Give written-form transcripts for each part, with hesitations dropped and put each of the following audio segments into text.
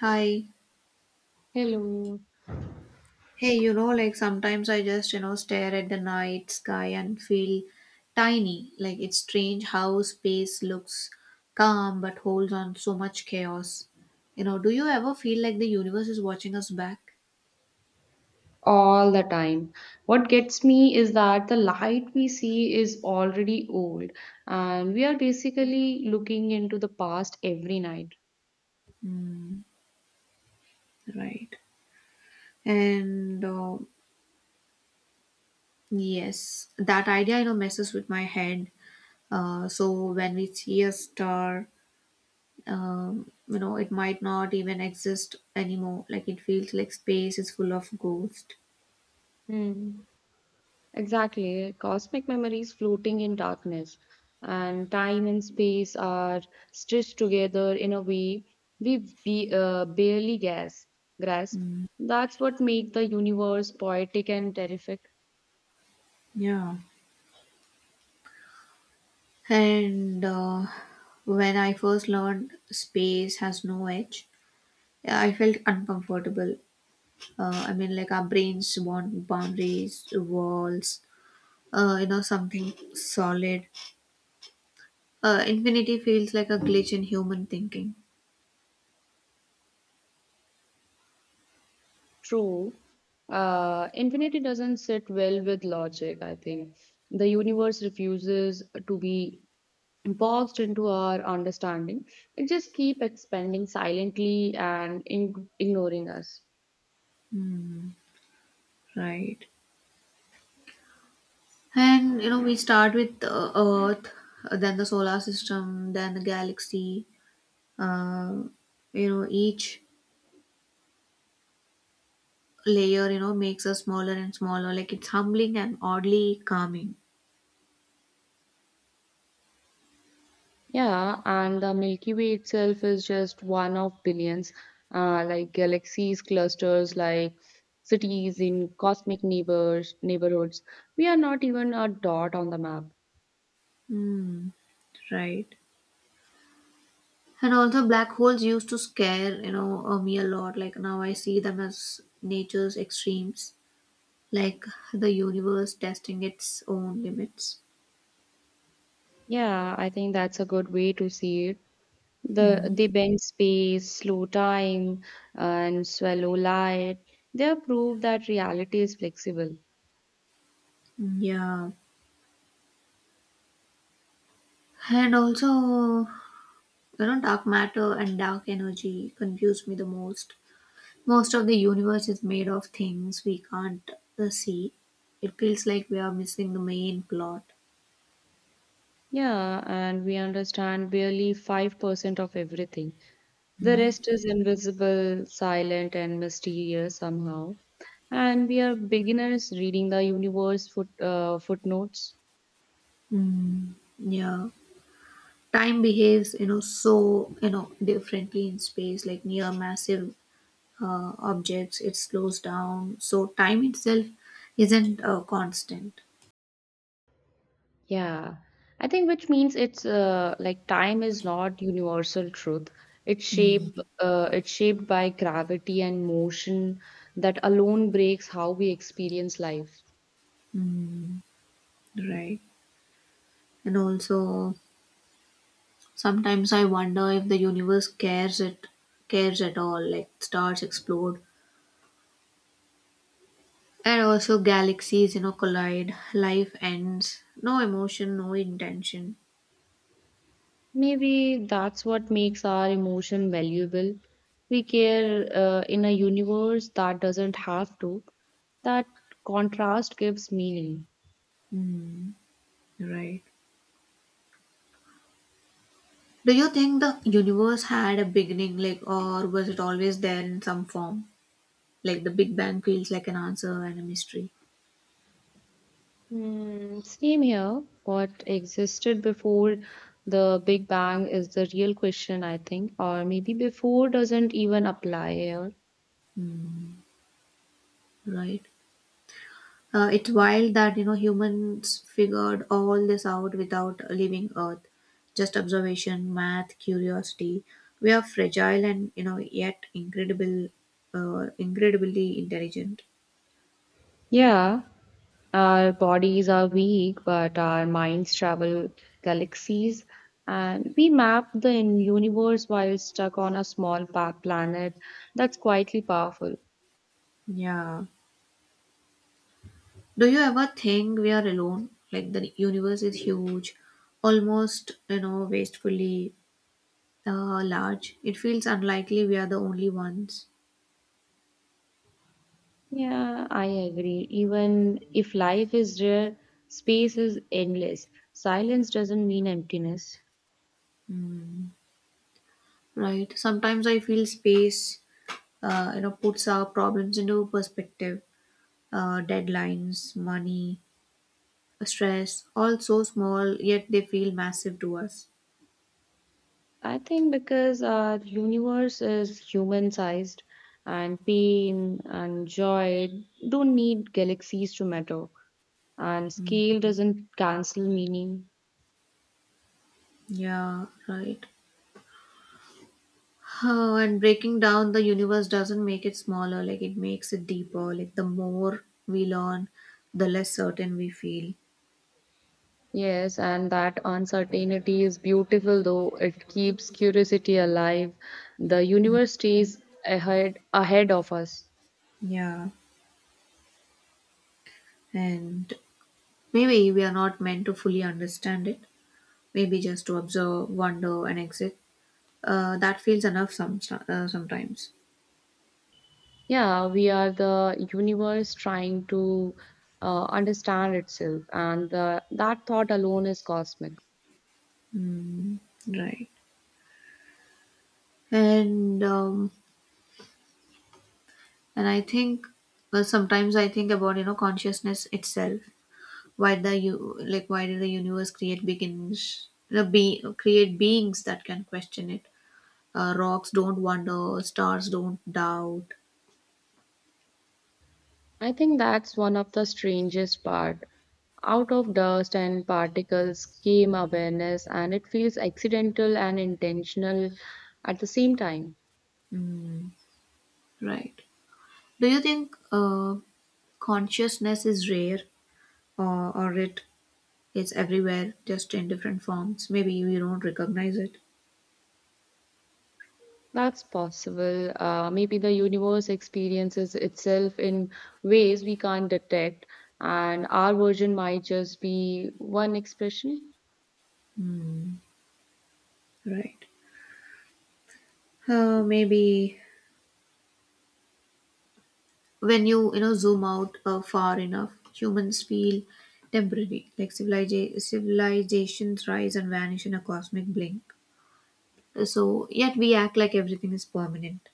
Hi. Hello. Hey, like sometimes I just, stare at the night sky and feel tiny. Like it's strange how space looks calm but holds on so much chaos. Do you ever feel like the universe is watching us back? All the time. What gets me is that the light we see is already old, and we are basically looking into the past every night. Right. And yes, that idea, messes with my head. So when we see a star, it might not even exist anymore. Like it feels like space is full of ghosts. Hmm. Exactly. Cosmic memories floating in darkness, and time and space are stitched together in a way we, we barely grasp. That's what makes the universe poetic and terrific. Yeah. And when I first learned space has no edge, yeah, I felt uncomfortable. I mean, like our brains want boundaries, walls, something solid. Infinity feels like a glitch in human thinking. True. Infinity doesn't sit well with logic, I think. The universe refuses to be boxed into our understanding. It just keeps expanding silently and ing ignoring us. Hmm, right. And we start with Earth, then the solar system, then the galaxy. Uh, each layer, makes us smaller and smaller. Like it's humbling and oddly calming. Yeah, and the Milky Way itself is just one of billions, like galaxies, clusters, like cities in cosmic neighborhoods. We are not even a dot on the map. Hmm. Right. And also, black holes used to scare, me a lot. Like now I see them as nature's extremes, like the universe testing its own limits. Yeah, I think that's a good way to see it. Mm. They bend space, slow time, and swallow light. They have proved that reality is flexible. Yeah. And also, dark matter and dark energy confuse me the most. Most of the universe is made of things we can't see. It feels like we are missing the main plot. Yeah, and we understand barely 5% of everything. The rest is invisible, silent, and mysterious somehow. And we are beginners reading the universe footnotes. Mm. Yeah. Time behaves, so, differently in space, like near massive objects, it slows down. So, time itself isn't constant. Yeah, I think which means it's like time is not universal truth. Mm. It's shaped by gravity and motion that alone breaks how we experience life. Right. And also, sometimes I wonder if the universe cares at all, like stars explode. And also, galaxies, collide, life ends, no emotion, no intention. Maybe that's what makes our emotion valuable. We care in a universe that doesn't have to. That contrast gives meaning. Hmm, right. Do you think the universe had a beginning, like, or was it always there in some form? Like, the Big Bang feels like an answer and a mystery, Hmm, same here. What existed before the Big Bang is the real question, I think, or maybe before doesn't even apply here. right? It's wild that, humans figured all this out without leaving Earth. Just observation, math, curiosity. We are fragile and, yet incredibly intelligent. Yeah, our bodies are weak, but our minds travel galaxies, and we map the universe while stuck on a small planet. That's quietly powerful. Yeah. Do you ever think we are alone? Like the universe is huge, almost, wastefully large. It feels unlikely we are the only ones, Yeah, I agree. Even if life is rare, space is endless. Silence doesn't mean emptiness. right? Sometimes I feel space, puts our problems into perspective. Deadlines, money, stress, all so small, yet they feel massive to us. I think because our universe is human sized and pain and joy don't need galaxies to matter, and scale doesn't cancel meaning. Yeah, right. Oh, and breaking down the universe doesn't make it smaller, like it makes it deeper. Like the more we learn, the less certain we feel. Yes, and that uncertainty is beautiful though it keeps curiosity alive. The universe stays ahead of us. Yeah. And maybe we are not meant to fully understand it. Maybe just to observe, wonder, and exit. That feels enough sometimes. Yeah, we are the universe trying to understand itself, and that thought alone is cosmic. Mm, right. And um, and I think, well, sometimes I think about consciousness itself. Why did the universe create beginnings no, be create beings that can question it? Rocks don't wonder, stars don't doubt. I think that's one of the strangest part. Out of dust and particles came awareness and it feels accidental and intentional at the same time. Right. Do you think consciousness is rare, or it's everywhere just in different forms, maybe you don't recognize it? That's possible. Maybe the universe experiences itself in ways we can't detect and our version might just be one expression. Right. Maybe when you know zoom out far enough, humans feel temporary, like civilizations rise and vanish in a cosmic blink. So, yet we act like everything is permanent.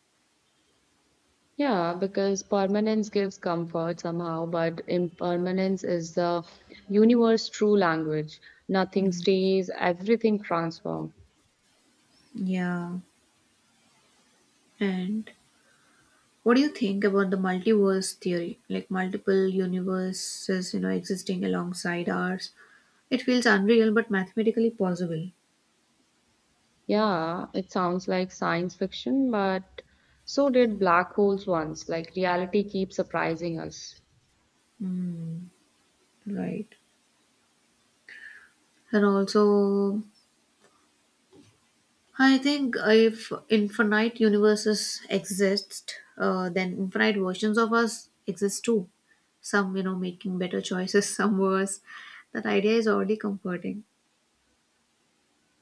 Yeah, because permanence gives comfort somehow, but impermanence is the universe true language. Nothing stays, everything transforms. Yeah. And what do you think about the multiverse theory? Like multiple universes, existing alongside ours. It feels unreal but mathematically possible, Yeah, it sounds like science fiction, but so did black holes once. Like reality keeps surprising us. right? And also, I think if infinite universes exist, then infinite versions of us exist too. Some, making better choices, some worse. That idea is already comforting.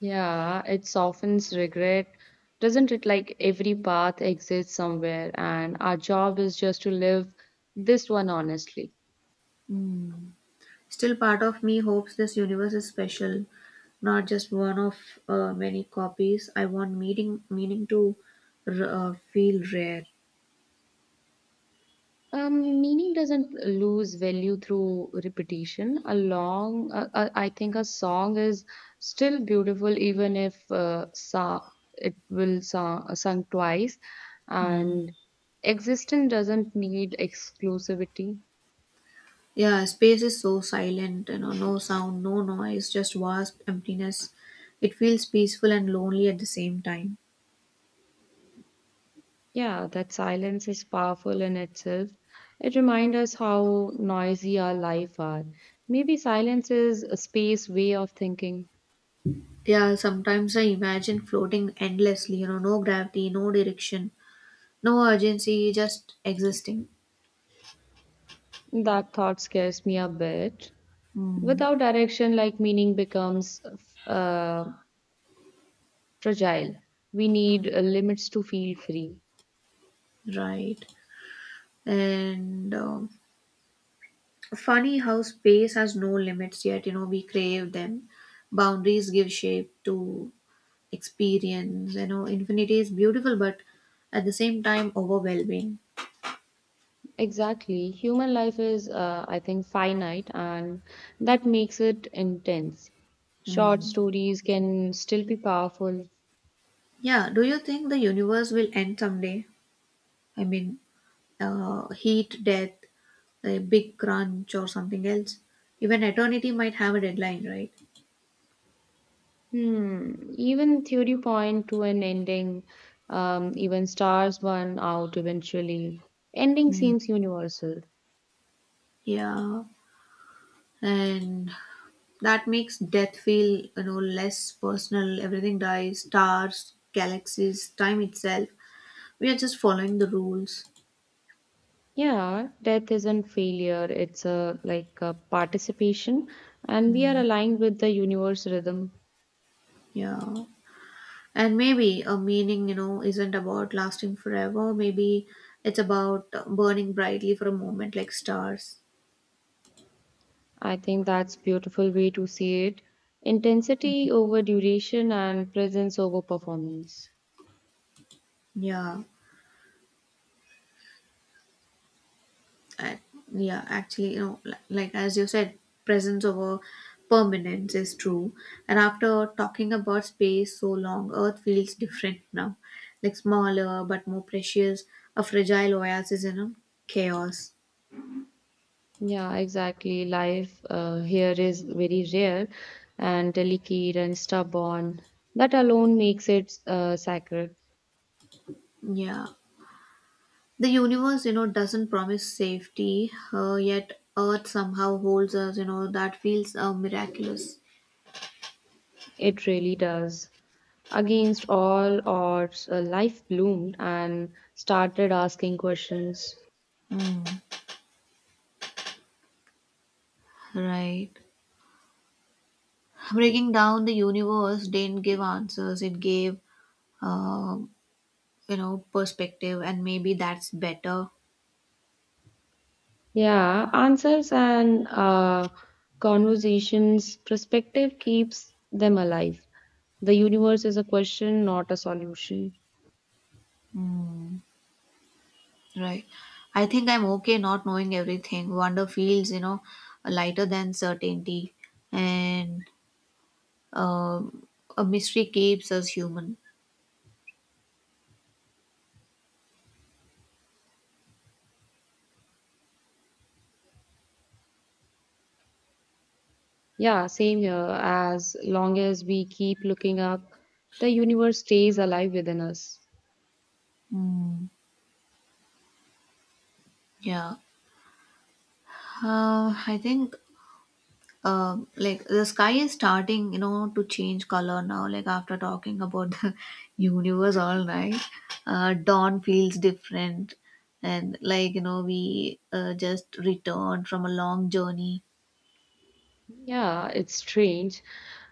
Yeah, it softens regret. Doesn't it like every path exists somewhere, and our job is just to live this one honestly? Hmm. Still, part of me hopes this universe is special, not just one of many copies. I want meaning to feel rare. Meaning doesn't lose value through repetition. I think a song is still beautiful even if sa it will sa sung twice, and existence doesn't need exclusivity. Yeah, space is so silent, no sound, no noise, just vast emptiness. It feels peaceful and lonely at the same time. Yeah, that silence is powerful in itself. It reminds us how noisy our life are. Maybe silence is a space way of thinking. Yeah, sometimes I imagine floating endlessly, no gravity, no direction, no urgency, just existing. That thought scares me a bit. Hmm, Without direction, like meaning becomes uh, fragile. We need limits to feel free. right. And Funny how space has no limits, yet we crave them. Boundaries give shape to experience. Infinity is beautiful but at the same time overwhelming. Exactly. Human life is, I think, finite, and that makes it intense. Short Hmm. stories can still be powerful. Yeah, do you think the universe will end someday? I mean, heat death, a big crunch, or something else? Even eternity might have a deadline, right? Hmm. Even theory point to an ending. Even stars burn out eventually. Ending Mm. seems universal. Yeah. And that makes death feel less personal. Everything dies, stars, galaxies, time itself. We are just following the rules. Yeah, death isn't failure. It's a like a participation, and we are aligned with the universe rhythm. Yeah, and maybe a meaning isn't about lasting forever. Maybe it's about burning brightly for a moment, like stars. I think that's beautiful way to see it. Intensity over duration and presence over performance. Yeah. I, yeah, actually, like, as you said, presence over permanence is true. And after talking about space so long, Earth feels different now, like smaller but more precious, a fragile oasis in a chaos. Yeah, exactly. Life here is very rare and delicate and stubborn. That alone makes it sacred. Yeah, the universe, doesn't promise safety, yet Earth somehow holds us. That feels miraculous. It really does. Against all odds, life bloomed and started asking questions. Mm, right. Breaking down the universe didn't give answers. It gave uh, perspective, and maybe that's better. Yeah, answers and conversations, perspective keeps them alive. The universe is a question, not a solution. Mm, right. I think I'm okay not knowing everything. Wonder feels lighter than certainty, and um a mystery keeps us human. Yeah, same here. As long as we keep looking up, the universe stays alive within us. Mm, yeah. I think like the sky is starting to change color now, like after talking about the universe all night. Dawn feels different, and like we just returned from a long journey. Yeah, it's strange.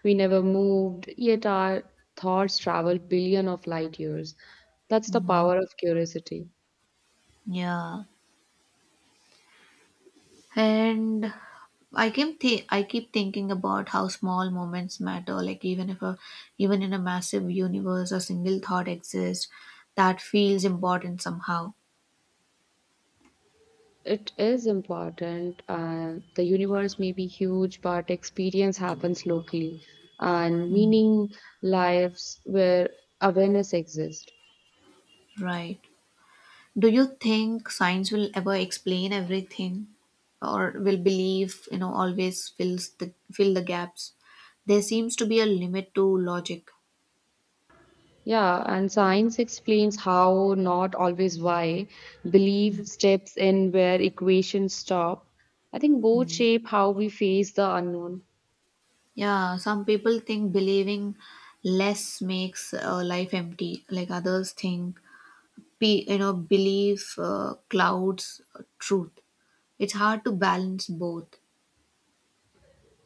We never moved, yet our thoughts travel billion of light years. That's the power of curiosity. Yeah. And I keep thinking about how small moments matter, like even if a even in a massive universe, a single thought exists. That feels important somehow. It is important. The universe may be huge, but experience happens locally, and meaning lives where awareness exists. Right. Do you think science will ever explain everything, or will belief, always fill the gaps? There seems to be a limit to logic. Yeah, and science explains how, not always why, belief steps in where equations stop. I think both shape how we face the unknown. Yeah, some people think believing less makes life empty, like others think belief clouds truth. It's hard to balance both.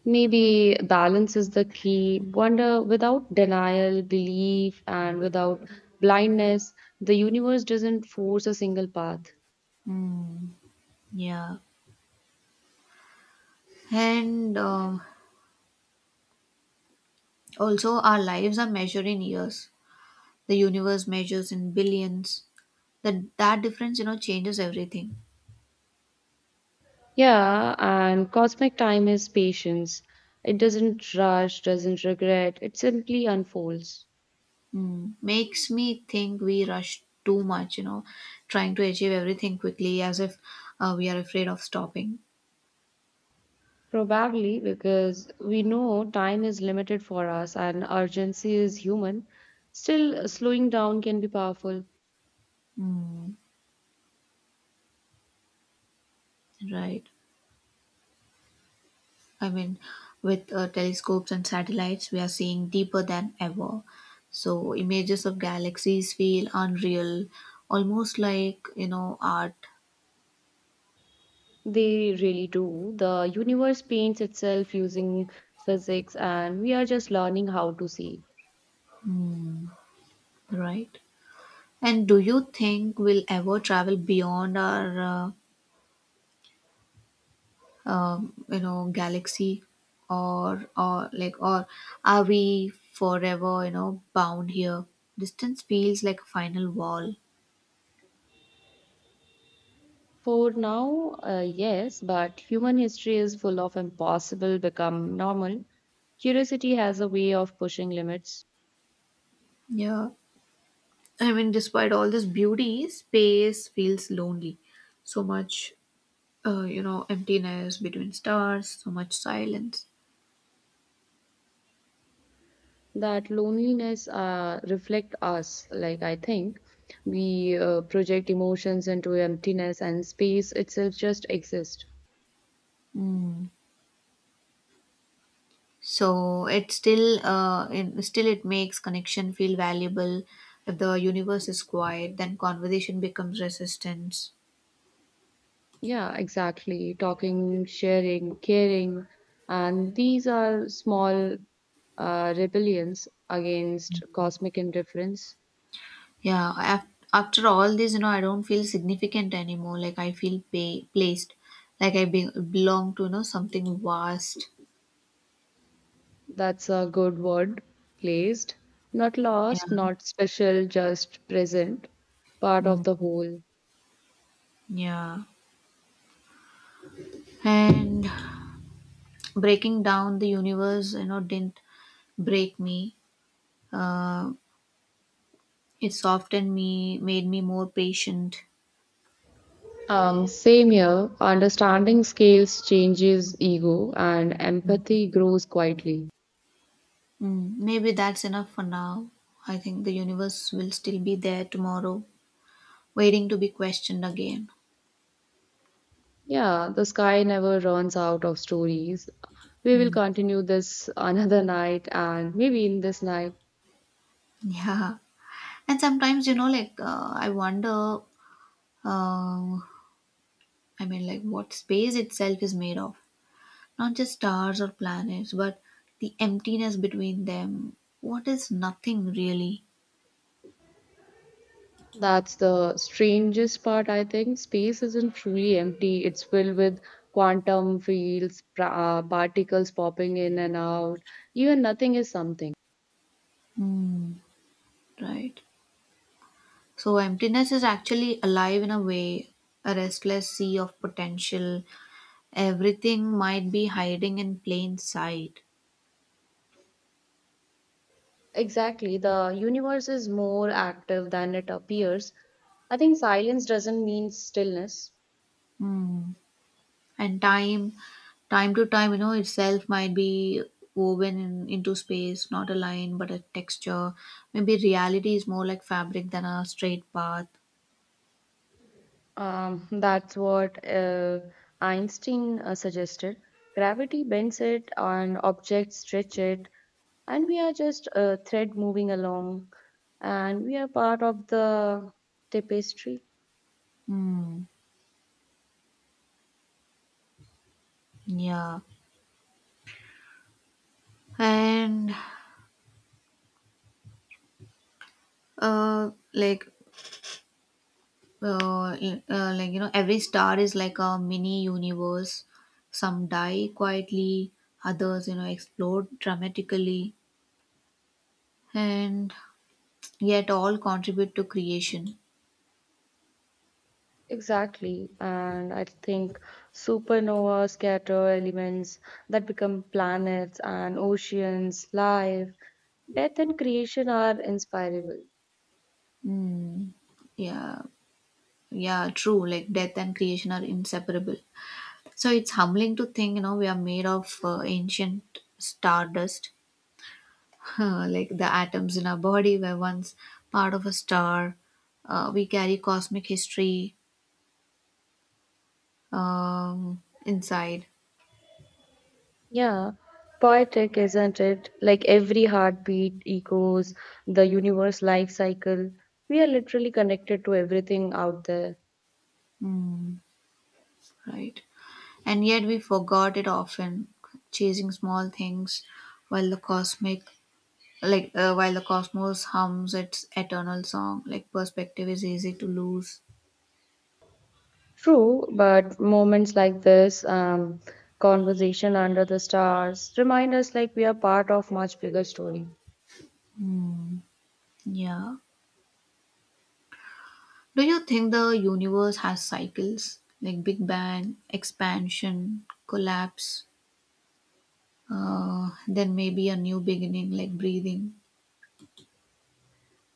Maybe balance is the key. Wonder without denial, belief, and without blindness, the universe doesn't force a single path. Mm, yeah. And also, our lives are measured in years. The universe measures in billions. That difference, changes everything. Yeah, and cosmic time is patience. It doesn't rush, doesn't regret, it simply unfolds. Mm. Makes me think we rush too much, trying to achieve everything quickly as if we are afraid of stopping. Probably because we know time is limited for us and urgency is human, still slowing down can be powerful. Mm. Right. I mean, with telescopes and satellites, we are seeing deeper than ever. So images of galaxies feel unreal, almost like, art, They really do. The universe paints itself using physics, and we are just learning how to see. right? And do you think we'll ever travel beyond our galaxy, or are we forever bound here? Distance feels like a final wall. For now, yes, but human history is full of impossible become normal. Curiosity has a way of pushing limits Yeah, I mean, despite all this beauty, space feels lonely. So much emptiness between stars, so much silence. that loneliness reflect us. Like I think we project emotions into emptiness, and space itself just exists. Mm. So it still, it makes connection feel valuable. If the universe is quiet, then conversation becomes resistance. Yeah, exactly. Talking, sharing, caring. And these are small rebellions against cosmic indifference. Yeah, after all this, I don't feel significant anymore. Like I feel placed, like I belong to, something vast. That's a good word, placed. Not Yeah. lost, not special, just present, part Mm. of the whole. Yeah. And breaking down the universe, didn't break me. Uh, it softened me, made me more patient. Same here, understanding scales changes ego and empathy grows quietly. Mm. Maybe that's enough for now. I think the universe will still be there tomorrow, waiting to be questioned again. Yeah, the sky never runs out of stories. We will continue this another night and maybe in this night. Yeah. And sometimes, like I wonder, um, I mean, like what space itself is made of. Not just stars or planets, but the emptiness between them. What is nothing really? That's the strangest part, I think. Space isn't truly empty, it's filled with quantum fields, particles popping in and out. Even nothing is something. Hmm, right. So, emptiness is actually alive in a way, a restless sea of potential. Everything might be hiding in plain sight. Exactly, the universe is more active than it appears. I think silence doesn't mean stillness. Hmm. And time, itself might be woven into space, not a line but a texture. Maybe reality is more like fabric than a straight path. That's what Einstein suggested. Gravity bends it, and objects stretch it, and we are just a thread moving along, and we are part of the tapestry. Hmm. Yeah. And uh like uh, every star is like a mini universe. Some die quietly, others explode dramatically, and yet all contribute to creation. Exactly, and I think supernova scatter elements that become planets and oceans, life, death, and creation are inspirable. Hmm. Yeah. Yeah, true. Like death and creation are inseparable. So it's humbling to think, we are made of ancient stardust. Like the atoms in our body were once part of a star. We carry cosmic history, inside. Yeah, poetic, isn't it? Like every heartbeat echoes the universe life cycle. We are literally connected to everything out there. Mm, right. And yet we forgot it often, chasing small things while the cosmic while the cosmos hums its eternal song, like perspective is easy to lose. True, but moments like this, conversation under the stars, remind us like we are part of much bigger story. Yeah. Do you think the universe has cycles like Big Bang, expansion, collapse, then maybe a new beginning like breathing?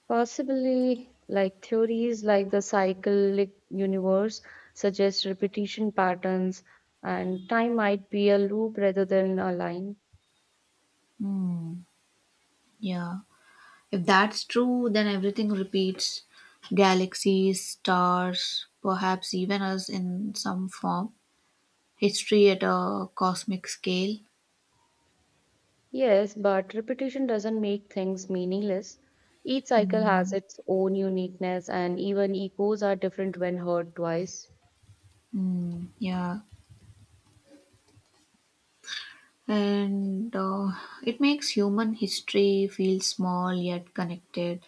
Possibly, like theories like the cyclic universe suggest repetition patterns, and time might be a loop rather than a line. Hmm. Yeah. If that's true, then everything repeats, galaxies, stars, perhaps even us in some form, history at a cosmic scale. Yes, but repetition doesn't make things meaningless. Each cycle has Hmm. its own uniqueness, and even echoes are different when heard twice. Hmm. Yeah. And it makes human history feel small yet connected,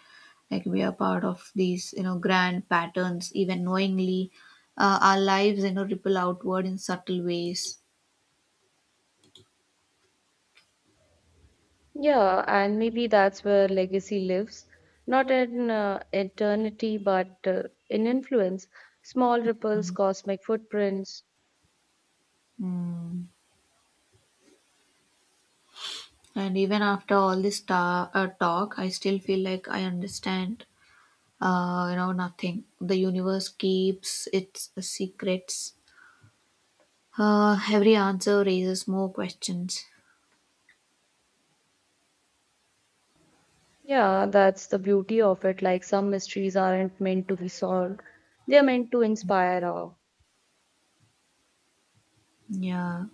like we are part of these grand patterns, even knowingly. Our lives ripple outward in subtle ways. Yeah, and maybe that's where legacy lives, not in eternity, but in influence, small ripples, cosmic footprints. Mm. And even after all this talk, I still feel like I understand nothing. The universe keeps its secrets. Every answer raises more questions. Yeah, that's the beauty of it. Like some mysteries aren't meant to be solved, they're meant to inspire awe. Yeah.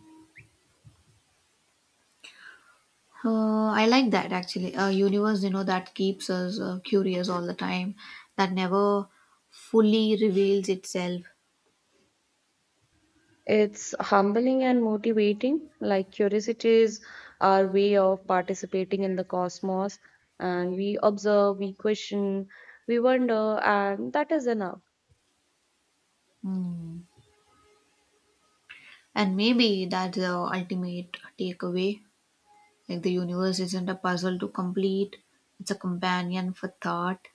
I like that, actually. A universe, that keeps us curious all the time, that never fully reveals itself. It's humbling and motivating, like curiosity is our way of participating in the cosmos, and we observe, we question, we wonder, and that is enough. Hmm. And maybe that's the ultimate takeaway. Like the universe isn't a puzzle to complete, it's a companion for thought.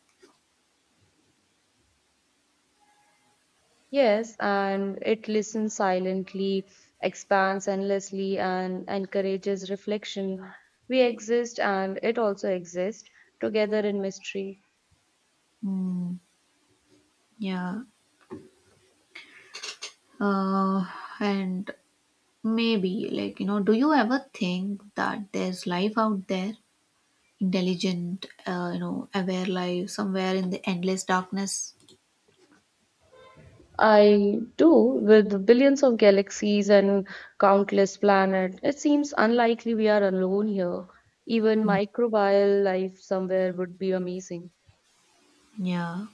Yes, and it listens silently, expands endlessly, and encourages reflection. We exist, and it also exists together in mystery. Hmm. Yeah. Uh, and maybe, like, do you ever think that there's life out there? Intelligent, aware life somewhere in the endless darkness? I do, with billions of galaxies and countless planets. It seems unlikely we are alone here. Even microbial life somewhere would be amazing. Yeah,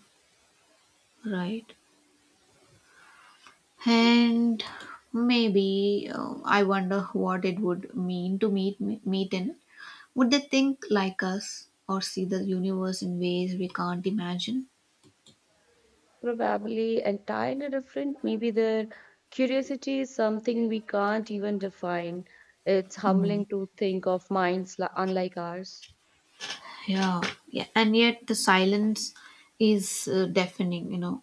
right. And maybe I wonder what it would mean to meet meet in. Would they think like us or see the universe in ways we can't imagine? Probably entirely different. Maybe their curiosity is something we can't even define. It's Mhm. humbling to think of minds unlike ours. Yeah, yeah. And yet the silence is deafening.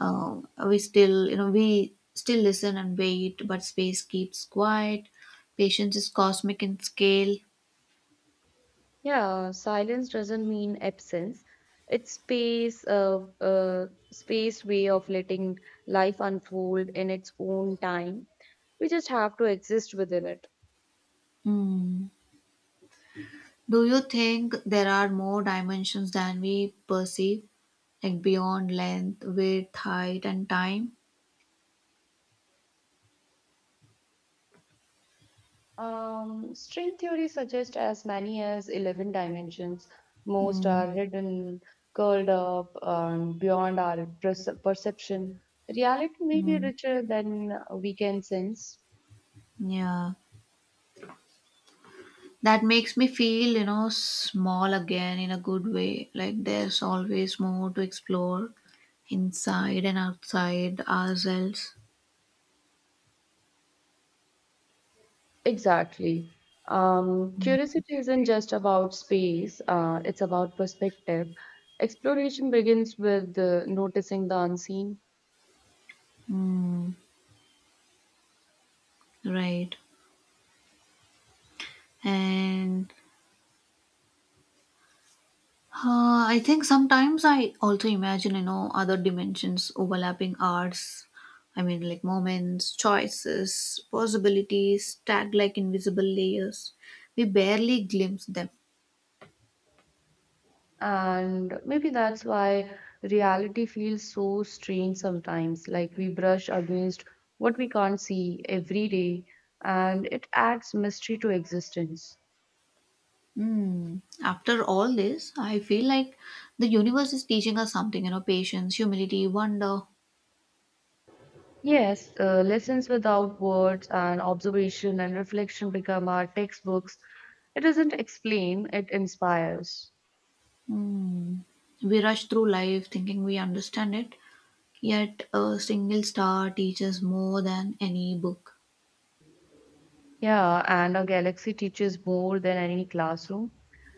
uh, we still listen and wait, but space keeps quiet. Patience is cosmic in scale. Yeah, silence doesn't mean absence. It's space way of letting life unfold in its own time. We just have to exist within it. Hmm. Do you think there are more dimensions than we perceive, like beyond length, width, height, and time? String theory suggests as many as 11 dimensions. Most Mm, are hidden, curled up, and beyond our perception. Reality may be mm, richer than we can sense. yeah, that makes me feel, small again in a good way. Like there's always more to explore inside and outside ourselves. Exactly. Curiosity isn't just about space, it's about perspective. Exploration begins with noticing the unseen, Mm, right. And I think sometimes I also imagine, other dimensions overlapping ours. I mean, like moments, choices, possibilities, tagged like invisible layers. We barely glimpse them. and maybe that's why reality feels so strange sometimes, like we brush against what we can't see every day, and it adds mystery to existence. Hmm. After all this, I feel like the universe is teaching us something, patience, humility, wonder. Yes, lessons without words and observation and reflection become our textbooks. It doesn't explain, it inspires. Hmm. We rush through life thinking we understand it, yet a single star teaches more than any book. Yeah, and a galaxy teaches more than any classroom.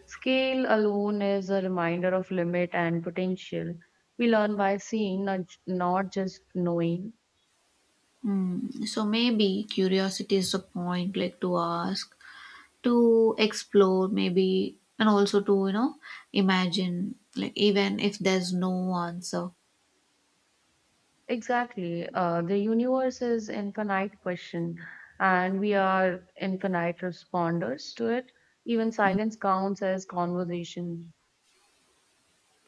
Scale alone is a reminder of limit and potential. We learn by seeing, not just knowing. Hmm. So maybe curiosity is the point, like to ask, to explore, maybe, and also to, imagine, like even if there's no answer. Exactly. The universe is infinite question, and we are infinite responders to it. Even silence counts as conversation.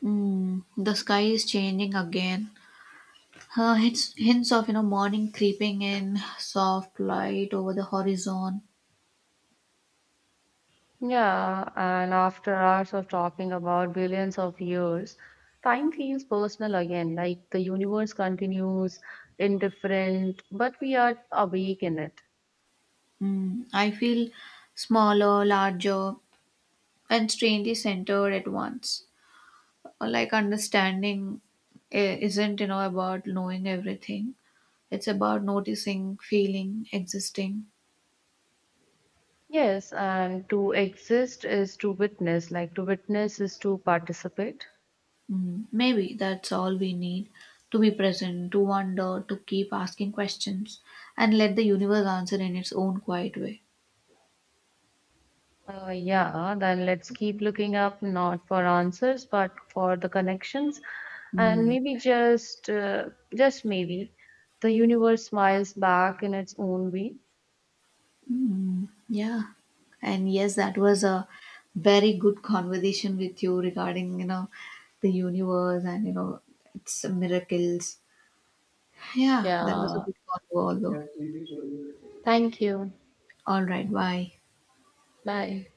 Hmm. The sky is changing again. Hints of, morning creeping in, soft light over the horizon. Yeah, and after hours of talking about billions of years, time feels personal again, like the universe continues indifferent, but we are awake in it. Hmm. I feel smaller, larger, and strangely centered at once. Or like understanding isn't about knowing everything, it's about noticing, feeling, existing. Yes, and to exist is to witness, like to witness is to participate. Mm, maybe that's all we need, to be present, to wonder, to keep asking questions, and let the universe answer in its own quiet way. Yeah, then let's keep looking up, not for answers, but for the connections, and Mm. maybe just maybe, the universe smiles back in its own way. Mm, yeah. And yes, that was a very good conversation with you regarding, the universe and, its miracles. Yeah, that was a Yeah. good convo, although. Thank you. All right, bye. Bye.